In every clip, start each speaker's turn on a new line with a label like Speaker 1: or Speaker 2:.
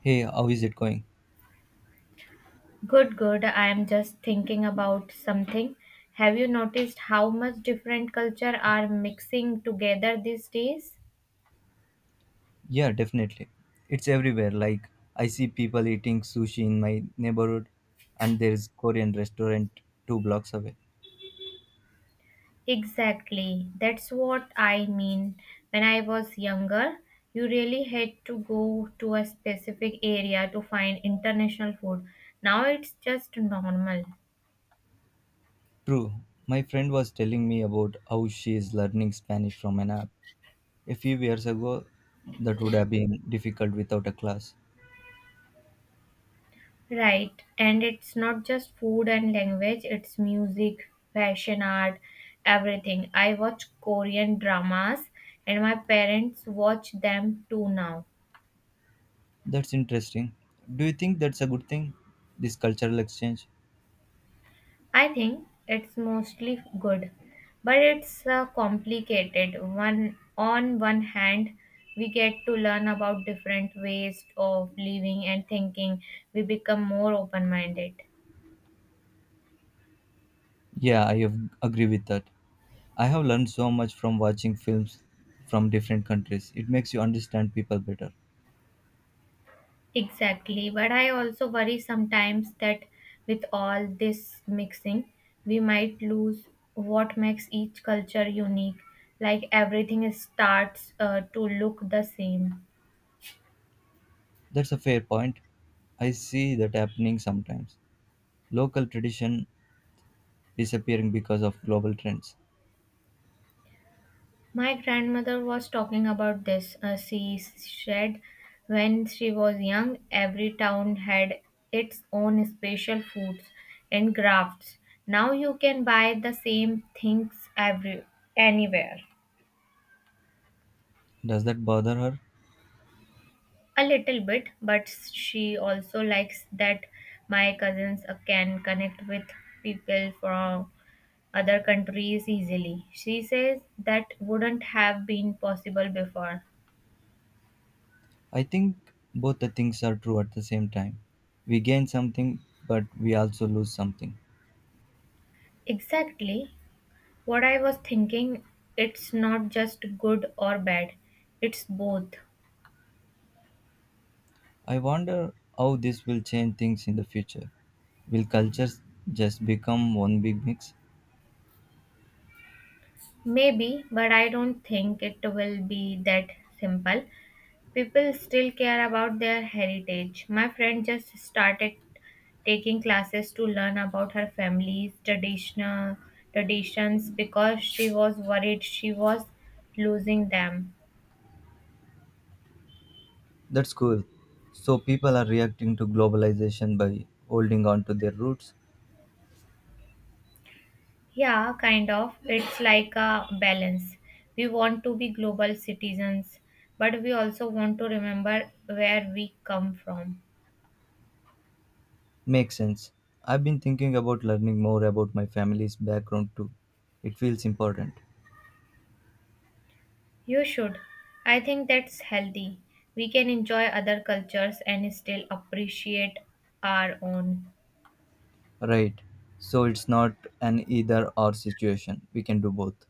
Speaker 1: Hey, how is it going?
Speaker 2: Good, good. I am just thinking about something. Have you noticed how much different culture are mixing together these days?
Speaker 1: Yeah, definitely. It's everywhere. Like, I see people eating sushi in my neighborhood, and there's Korean restaurant two blocks away.
Speaker 2: Exactly. That's what I mean. When I was younger, you really had to go to a specific area to find international food. Now it's just normal.
Speaker 1: True. My friend was telling me about how she is learning Spanish from an app. A few years ago, that would have been difficult without a class.
Speaker 2: Right, and it's not just food and language, it's music, fashion, art, everything. I watch Korean dramas and my parents watch them too now.
Speaker 1: That's interesting. Do you think that's a good thing? This cultural exchange?
Speaker 2: I think it's mostly good, but it's complicated. One on one hand, we get to learn about different ways of living and thinking. We become more open-minded.
Speaker 1: Yeah, I have, agree with that. I have learned so much from watching films from different countries. It makes you understand people better.
Speaker 2: Exactly, but I also worry sometimes that with all this mixing, we might lose what makes each culture unique. Like everything starts to look the same.
Speaker 1: That's a fair point. I see that happening sometimes. Local tradition disappearing because of global trends.
Speaker 2: My grandmother was talking about this. She said when she was young, every town had its own special foods and crafts. Now you can buy the same things every anywhere.
Speaker 1: Does that bother her?
Speaker 2: A little bit, but she also likes that my cousins can connect with people from other countries easily. She says that wouldn't have been possible before.
Speaker 1: I think both the things are true at the same time. We gain something, but we also lose something.
Speaker 2: Exactly what I was thinking. It's not just good or bad, it's both.
Speaker 1: I wonder how this will change things in the future. Will cultures just become one big mix?
Speaker 2: Maybe, but I don't think it will be that simple. People still care about their heritage. My friend just started taking classes to learn about her family's traditional traditions because she was worried she was losing them.
Speaker 1: That's cool. So people are reacting to globalization by holding on to their roots.
Speaker 2: Yeah, kind of. It's like a balance. We want to be global citizens, but we also want to remember where we come from.
Speaker 1: Makes sense. I've been thinking about learning more about my family's background too. It feels important.
Speaker 2: You should. I think that's healthy. We can enjoy other cultures and still appreciate our own.
Speaker 1: Right. So it's not an either or situation. We can do both.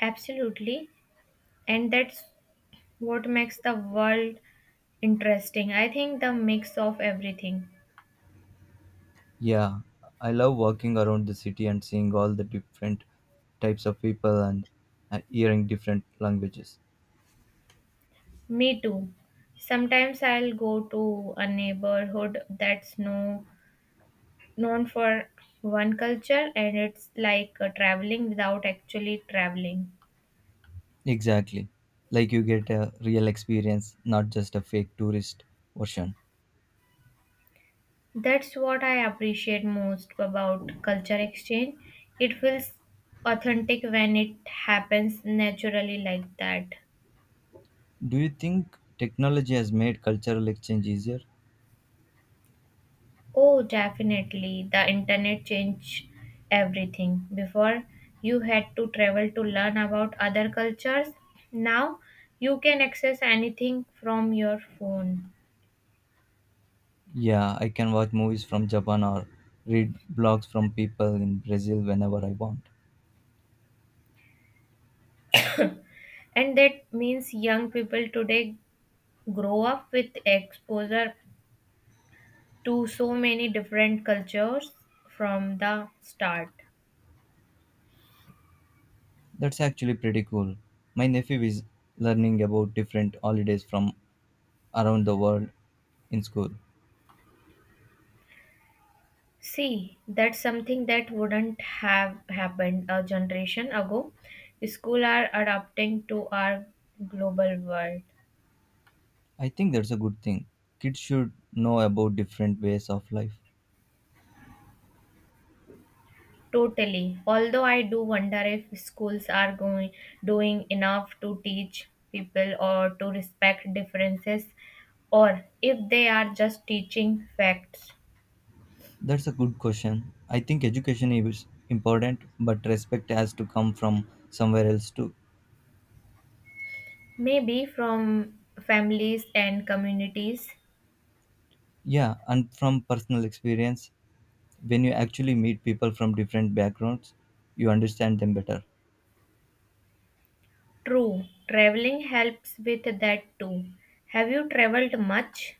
Speaker 2: Absolutely. And that's what makes the world interesting. I think the mix of everything.
Speaker 1: Yeah. I love walking around the city and seeing all the different types of people and hearing different languages.
Speaker 2: Me too. Sometimes I'll go to a neighborhood that's no known for one culture and it's like traveling without actually traveling.
Speaker 1: Exactly. Like you get a real experience, not just a fake tourist version.
Speaker 2: That's what I appreciate most about culture exchange. It feels authentic when it happens naturally like that.
Speaker 1: Do you think technology has made cultural exchange easier?
Speaker 2: Oh, definitely. The internet changed everything. Before, you had to travel to learn about other cultures. Now, you can access anything from your phone.
Speaker 1: Yeah, I can watch movies from Japan or read blogs from people in Brazil whenever I want.
Speaker 2: And that means young people today grow up with exposure to so many different cultures from the start.
Speaker 1: That's actually pretty cool. My nephew is learning about different holidays from around the world in school.
Speaker 2: See, that's something that wouldn't have happened a generation ago. Schools are adapting to our global world.
Speaker 1: I think that's a good thing. Kids should know about different ways of life.
Speaker 2: Totally. Although I do wonder if schools are going doing enough to teach people or to respect differences or if they are just teaching facts.
Speaker 1: That's a good question. I think education is important, but respect has to come from somewhere else too.
Speaker 2: Maybe from families and communities.
Speaker 1: Yeah, and from personal experience. When you actually meet people from different backgrounds, you understand them better.
Speaker 2: True, traveling helps with that too. Have you traveled much?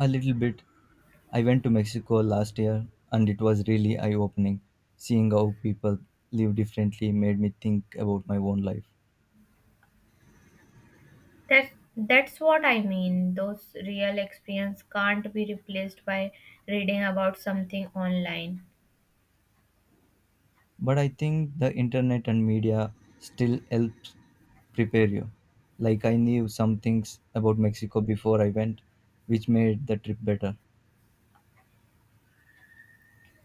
Speaker 1: A little bit. I went to Mexico last year and it was really eye opening. Seeing how people live differently made me think about my own life.
Speaker 2: That that's what I mean. Those real experience can't be replaced by reading about something online.
Speaker 1: But I think the internet and media still helps prepare you. Like I knew some things about Mexico before I went, which made the trip better.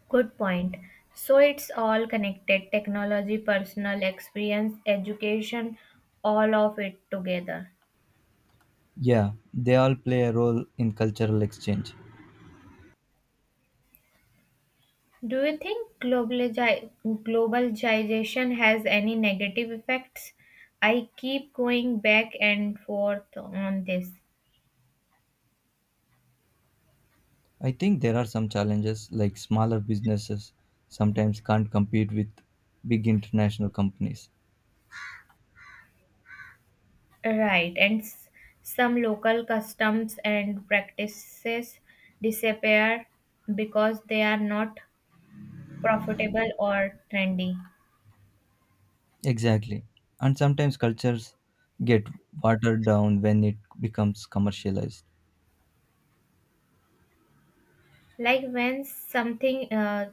Speaker 2: Good point. So it's all connected technology, personal experience, education, all of it together.
Speaker 1: Yeah, they all play a role in cultural exchange.
Speaker 2: Do you think globalization has any negative effects? I keep going back and forth on this.
Speaker 1: I think there are some challenges, like smaller businesses sometimes can't compete with big international companies.
Speaker 2: Right, and some local customs and practices disappear because they are not profitable or trendy.
Speaker 1: Exactly. And sometimes cultures get watered down when it becomes commercialized.
Speaker 2: Like when something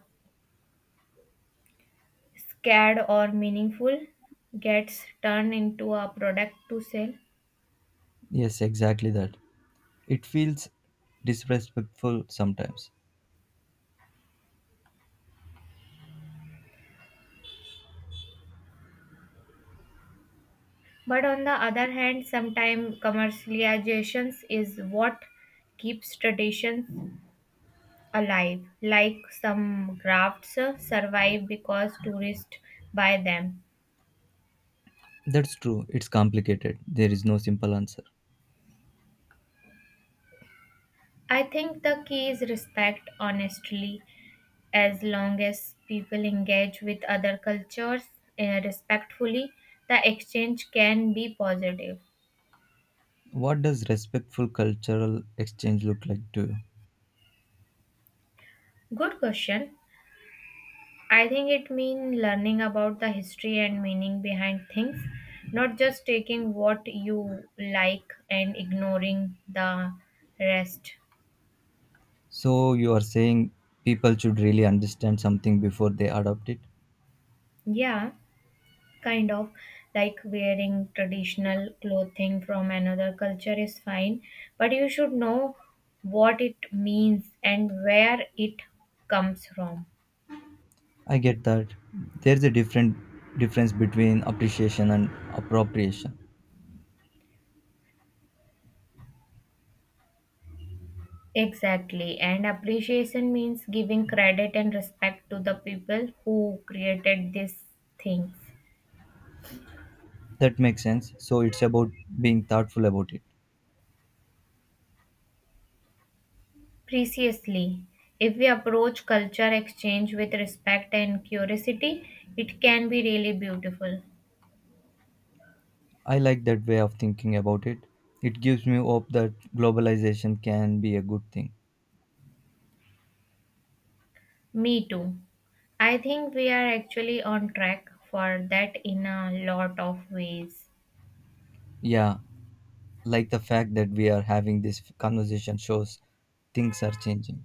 Speaker 2: scared or meaningful gets turned into a product to sell.
Speaker 1: Yes, exactly that. It feels disrespectful sometimes.
Speaker 2: But on the other hand, sometimes commercialization is what keeps traditions alive. Like some crafts survive because tourists buy them.
Speaker 1: That's true. It's complicated. There is no simple answer.
Speaker 2: I think the key is respect, honestly. As long as people engage with other cultures respectfully, the exchange can be positive.
Speaker 1: What does respectful cultural exchange look like to you?
Speaker 2: Good question. I think it means learning about the history and meaning behind things, not just taking what you like and ignoring the rest.
Speaker 1: So, you are saying people should really understand something before they adopt it?
Speaker 2: Yeah, kind of, like wearing traditional clothing from another culture is fine, but you should know what it means and where it comes from.
Speaker 1: I get that. There's a different difference between appreciation and appropriation.
Speaker 2: Exactly, and appreciation means giving credit and respect to the people who created these things.
Speaker 1: That makes sense. So it's about being thoughtful about it.
Speaker 2: Preciously, if we approach culture exchange with respect and curiosity, it can be really beautiful.
Speaker 1: I like that way of thinking about it. It gives me hope that globalization can be a good thing.
Speaker 2: Me too. I think we are actually on track for that in a lot of ways.
Speaker 1: Yeah, like the fact that we are having this conversation shows things are changing.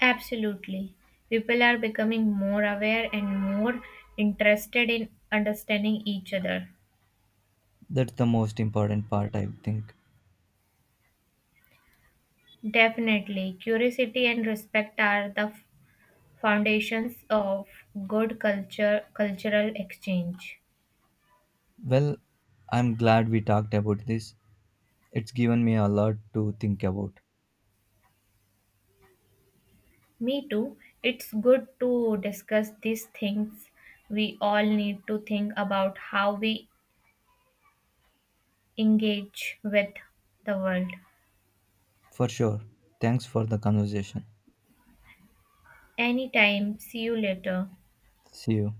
Speaker 2: Absolutely. People are becoming more aware and more interested in understanding each other.
Speaker 1: That's the most important part, I think.
Speaker 2: Definitely. Curiosity and respect are the foundations of good culture cultural exchange.
Speaker 1: Well, I'm glad we talked about this. It's given me a lot to think about.
Speaker 2: Me too. It's good to discuss these things. We all need to think about how we engage with the world.
Speaker 1: For sure. Thanks for the conversation.
Speaker 2: Anytime, see you later.
Speaker 1: See you.